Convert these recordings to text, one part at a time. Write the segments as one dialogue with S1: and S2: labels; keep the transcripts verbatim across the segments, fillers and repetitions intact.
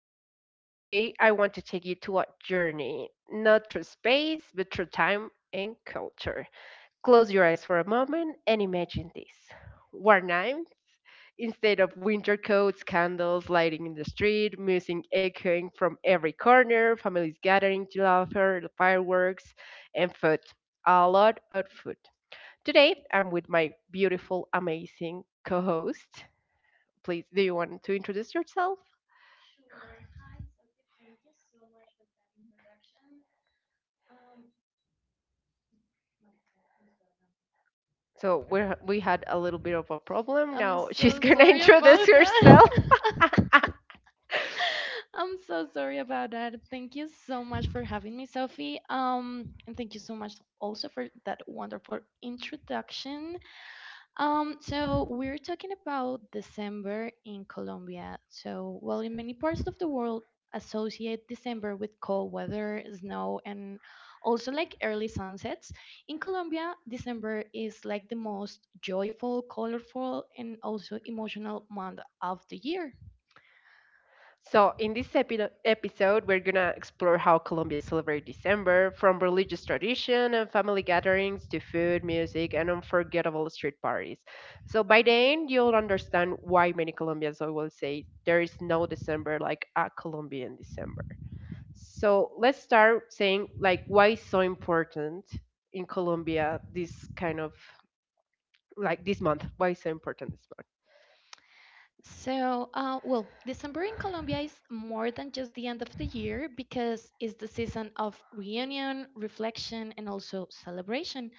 S1: to the show. Today, I want to take you to a journey, not through space, but through time and culture. Close your eyes for a moment and imagine this. Warm night, instead of winter coats, candles lighting in the street, music echoing from every corner, families gathering to laughter, fireworks, and food. A lot of food. Today, I'm with my beautiful, amazing co host. Please, do you want to introduce yourself? So we we had a little bit of a problem.
S2: I'm
S1: Now she's
S2: so
S1: going to
S2: sorry
S1: introduce
S2: about that.
S1: herself.
S2: I'm so sorry about that. Thank you so much for having me, Sophie. Um, and thank you so much also for that wonderful introduction. Um, so we're talking about December in Colombia. So, well, in many parts of the world associate December with cold weather, snow, and also like early sunsets. In Colombia, December is like the most joyful, colorful, and also emotional month of the year.
S1: So, in this epi- episode, we're going to explore how Colombia celebrates December from religious tradition and family gatherings to food, music, and unforgettable street parties. So, by the end, you'll understand why many Colombians always say there is no December like a Colombian December. So, let's start saying, like, why it's so important in Colombia this kind of, like, this month. Why is it so important, this month?
S2: So, uh, well, December in Colombia is more than just the end of the year because it's the season of reunion, reflection, and also celebration.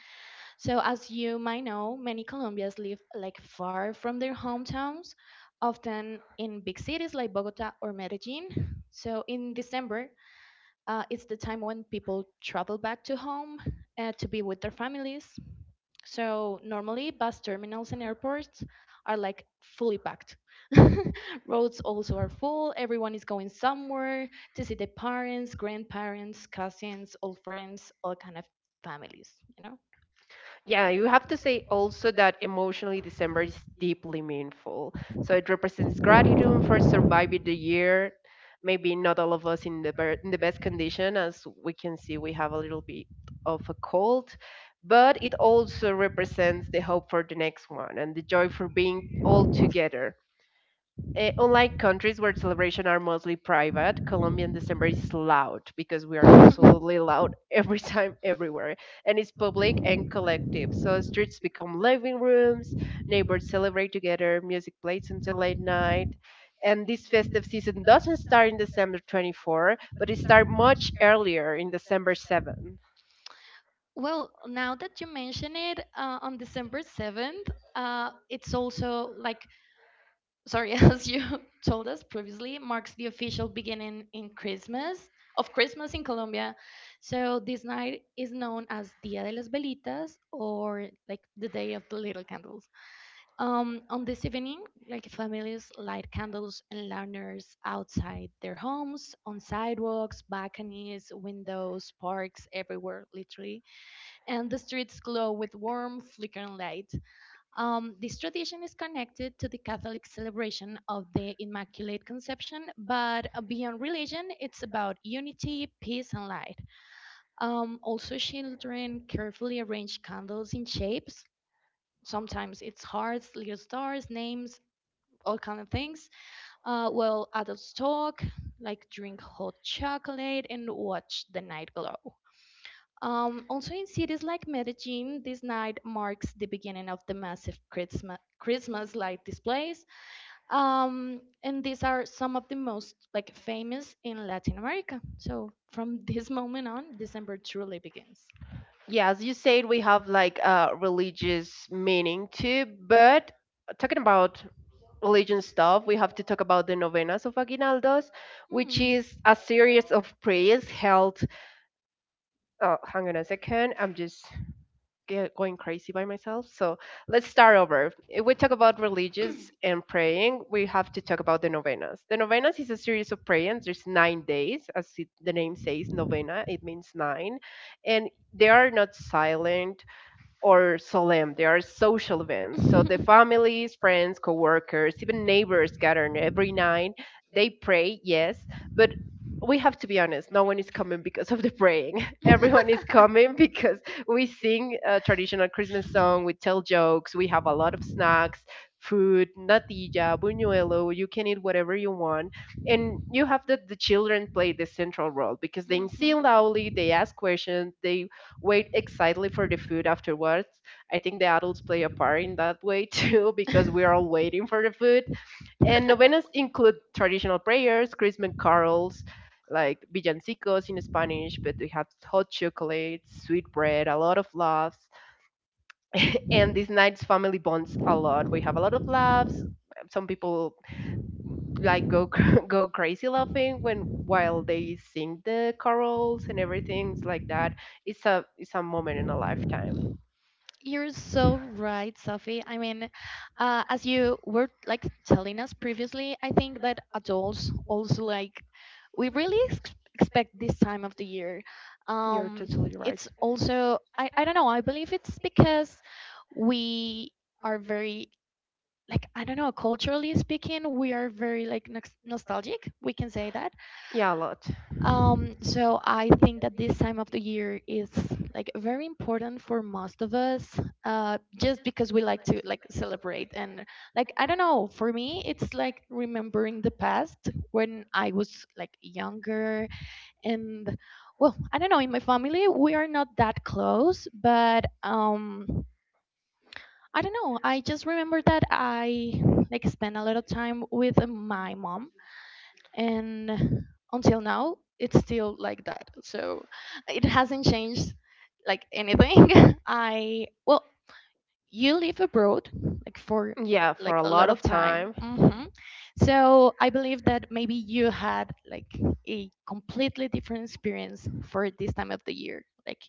S2: So, as you might know, many Colombians live like far from their hometowns, often in big cities like Bogota or Medellin. So, in December, uh, it's the time when people travel back to home uh, to be with their families. So, normally, bus terminals and airports are like fully packed. Roads also are full, everyone is going somewhere to see their parents, grandparents, cousins, old friends, all kind of families, you know?
S1: Yeah, you have to say also that emotionally December is deeply meaningful. So it represents gratitude for surviving the year, maybe not all of us in the ber- in the best condition, as we can see we have a little bit of a cold, but it also represents the hope for the next one and the joy for being all together. Eh, unlike countries where celebrations are mostly private, Colombian December is loud, because we are absolutely loud every time, everywhere. And it's public and collective. So streets become living rooms, neighbors celebrate together, music plays until late night. And this festive season doesn't start in December twenty-fourth, but it starts much earlier in December seventh.
S2: Well, now that you mention it, uh, on December seventh, uh, it's also like, sorry, as you told us previously, marks the official beginning in Christmas, of Christmas in Colombia. So this night is known as Dia de las Velitas or like the Day of the Little Candles. Um, on this evening, like families light candles and lanterns outside their homes, on sidewalks, balconies, windows, parks, everywhere, literally and the streets glow with warm, flickering light. Um, this tradition is connected to the Catholic celebration of the Immaculate Conception, but uh, beyond religion, it's about unity, peace, and light. Um, also, children carefully arrange candles in shapes. Sometimes it's hearts, little stars, names, all kind of things. Uh, while adults talk, like drink hot chocolate and watch the night glow. Um, also, in cities like Medellin, this night marks the beginning of the massive Christmas Christmas light displays, um, and these are some of the most like famous in Latin America. So from this moment on, December truly begins.
S1: Yeah, as you said, we have like a religious meaning too, but talking about religion stuff, we have to talk about the Novenas of Aguinaldos, which
S2: Hmm.
S1: is a series of prayers held. Uh, hang on a second, I'm just get going crazy by myself. So let's start over. If we talk about religious and praying, we have to talk about the Novenas. The Novenas is a series of prayers. There's nine days, as it, the name says, Novena, it means nine. And they are not silent or solemn. They are social events. So the families, friends, coworkers, even neighbors gather every night. They pray, yes, but we have to be honest. No one is coming because of the praying. Everyone is coming because we sing a traditional Christmas song. We tell jokes. We have a lot of snacks, food, natilla, buñuelo. You can eat whatever you want, and you have the the children play the central role because they
S2: Mhm.
S1: sing loudly. They ask questions. They wait excitedly for the food afterwards. I think the adults play a part in that way too because we are all waiting for the food. And novenas include traditional prayers, Christmas carols, like villancicos in Spanish, but we have hot chocolate, sweet bread, a lot of laughs. And these nights family bonds a lot. We have a lot of laughs. Some people like go go crazy laughing when while they sing the carols and everything like that. It's a it's a moment in a lifetime.
S2: You're so right, Sophie. I mean, uh, as you were like telling us previously, I think that adults also like we really ex- expect this time of the year. Um,
S1: Totally.
S2: it's also I I don't know. I believe it's because we are very like I don't know culturally speaking, we are very like nox- nostalgic. We can say that
S1: Yeah, a lot.
S2: um, so I think that this time of the year is like very important for most of us, uh, just because we like to like celebrate and like I don't know, for me it's like remembering the past when I was like younger and well, I don't know, in my family we are not that close, but um I don't know, I just remember that I like spent a lot of time with uh, my mom and until now it's still like that so it hasn't changed like anything. i well, you live abroad like for like a lot of time.
S1: Time.
S2: Hmm, so I believe that maybe you had like a completely different experience for this time of the year like.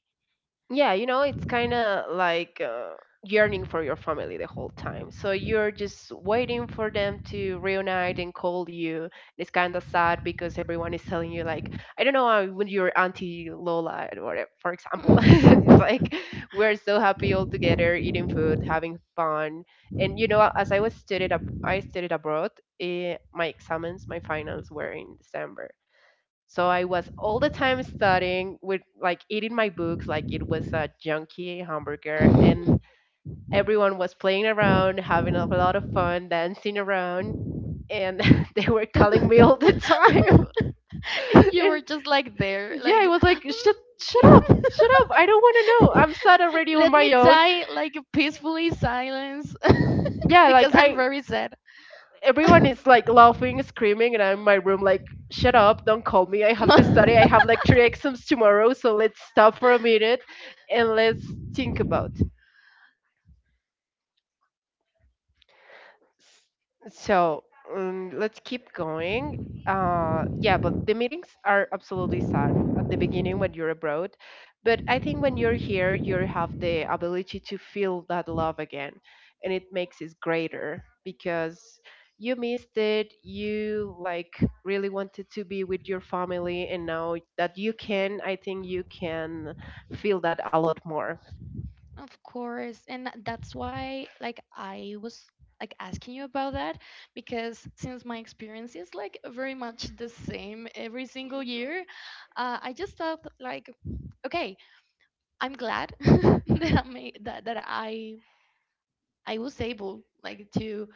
S1: Yeah, you know, it's kind of like uh, yearning for your family the whole time. So you're just waiting for them to reunite and call you. It's kind of sad because everyone is telling you, like, I don't know, uh, when your auntie Lola, or whatever, for example, it's like we're so happy all together, eating food, having fun. And you know, as I was studied, ab- I studied abroad. Eh, my exams, my finals were in December, so I was all the time studying with like eating my books like it was a junky hamburger, and everyone was playing around, having a lot of fun, dancing around, and they were calling me all
S2: Colorful.
S1: the time.
S2: You
S1: And
S2: were just like there. Yeah,
S1: yeah, I was
S2: I
S1: like shut shut up. Shut up. I don't want to
S2: like,
S1: know. I'm sad already on my own.
S2: die like peacefully silence.
S1: Yeah, like
S2: Yeah,
S1: I,
S2: very sad.
S1: everyone is like laughing, screaming, and I'm in my room like, shut up, don't call me. I have to study. I have like three exams tomorrow, so let's stop for a minute and let's think about. So um, let's keep going. Uh, yeah, but the meetings are absolutely sad at the beginning when you're abroad. But I think when you're here, you have the ability to feel that love again, and it makes it greater because you missed it. You like really wanted to be with your family, and now that you can, I think you can feel that a lot more.
S2: Of course. And that's why like I was like asking you about that because since my experience is like very much the same every single year, uh, I just thought like okay, I'm glad that I made that that I I was able like to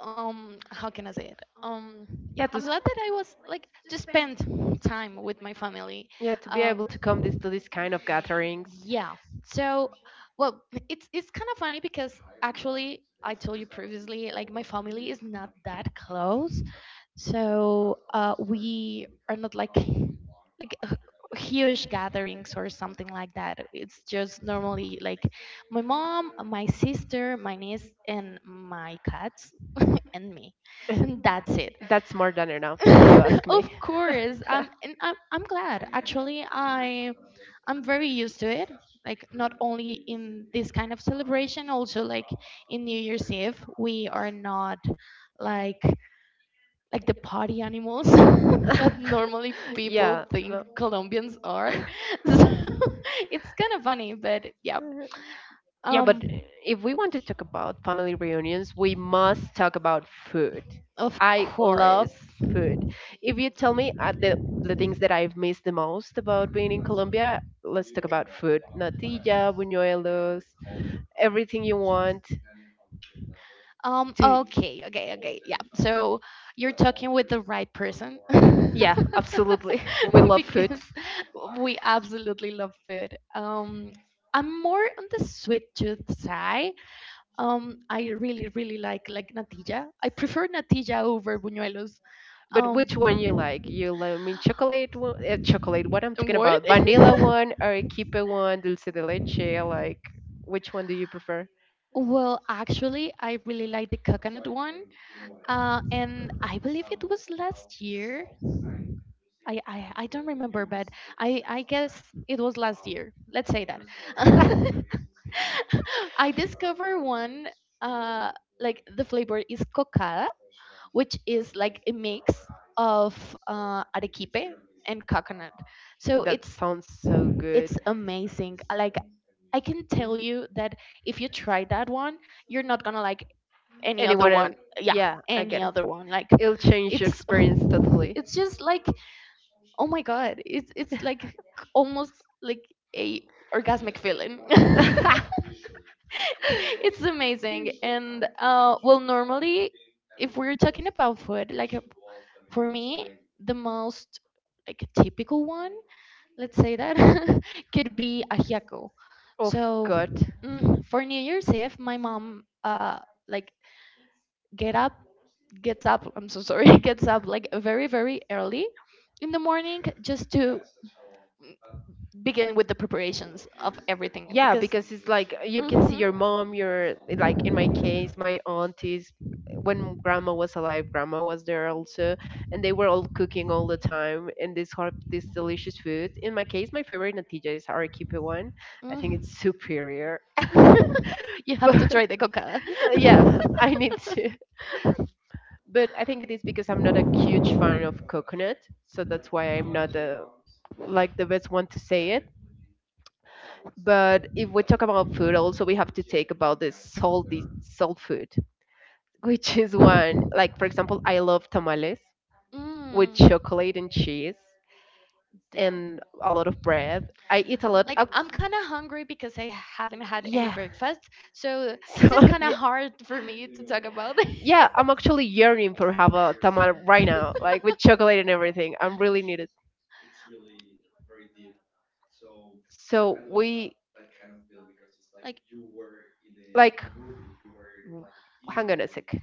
S2: um how can I say it? Um
S1: Yeah,
S2: I'm
S1: this.
S2: glad that I was like to spend time with my family.
S1: Yeah, to be
S2: Um
S1: able to come this, to these kind of gatherings.
S2: Yeah. So, well, it's it's kind of funny because actually I told you previously, like my family is not that close, so uh, we are not like like uh, huge gatherings or something like that. It's just normally like my mom, my sister, my niece, and my cats and me, and that's it.
S1: That's more than enough, if you ask me.
S2: Of course. Um, and I'm I'm glad. Actually, I I'm very used to it. Like not only in this kind of celebration, also like in New Year's Eve, we are not like like the party animals that normally Yeah. people
S1: Yeah,
S2: think
S1: no.
S2: Colombians are. So it's kind of funny, but yeah.
S1: Uh, Yeah, but
S2: Um,
S1: if we want to talk about family reunions, we must talk about food.
S2: of
S1: I love
S2: course.
S1: food. If you tell me uh, the the things that I've missed the most about being in Colombia, let's talk about food. Natilla, buñuelos, everything you want
S2: Um,
S1: to.
S2: okay, okay, okay. Yeah. So you're talking with the right person.
S1: Yeah, absolutely. We love food.
S2: Because we absolutely love food. Um, I'm more on the sweet tooth side. Um, I really, really like like natilla. I prefer natilla over buñuelos.
S1: But
S2: Um,
S1: which one you like, you like, I mean, chocolate one, uh, chocolate, what I'm talking
S2: what?
S1: about, vanilla one, arequipe one, dulce de leche, like, which one do you prefer?
S2: Well, actually, I really like the coconut one. Uh, and I believe it was last year. I, I, I don't remember, but I, I guess it was last year. Let's say that. I discovered one, uh, like the flavor is coca which is like a mix of uh, arequipe and coconut. So
S1: That
S2: it's
S1: sounds so
S2: it's
S1: good.
S2: amazing. I like, I can tell you that if you try that one, you're not gonna like any other
S1: Anyone
S2: one.
S1: else?
S2: Yeah,
S1: Yeah, I
S2: any
S1: get it.
S2: other one. Like
S1: It'll change your
S2: it's
S1: experience totally.
S2: it's just like oh my god it's it's like almost like a orgasmic feeling. It's amazing and uh well normally if we're talking about food like uh, for me the most like typical one let's say that could be ajiaco.
S1: Of
S2: So
S1: God.
S2: mm, for New Year's Eve my mom uh like get up gets up, I'm so sorry, gets up like very very early in the morning just to begin with the preparations of everything
S1: Yeah,
S2: because
S1: because it's like you can see
S2: Mhm.
S1: your mom, your, like in my case, my aunties. When grandma was alive, grandma was there also, and they were all cooking all the time and this hot, this delicious food. In my case, my favorite natilla is arequipe one. I think
S2: Mm.
S1: it's superior.
S2: you have to
S1: But
S2: try the coca.
S1: yeah, I need to. But I think it is because I'm not a huge fan of coconut, so that's why I'm not the like the best one to say it. But if we talk about food, also we have to take about the salty salt food, which is one, like, for example, I love tamales
S2: Mm.
S1: with chocolate and cheese
S2: Damn,
S1: and a lot of bread. I eat a lot.
S2: like
S1: Of,
S2: I'm kind of hungry because I haven't had any
S1: yeah.
S2: breakfast so this
S1: So
S2: is kind of
S1: yeah.
S2: hard for me to talk about.
S1: Yeah, I'm actually yearning for have a tamal right now, like with chocolate and everything. I'm really need it. So we
S2: like
S1: like hang on a sec.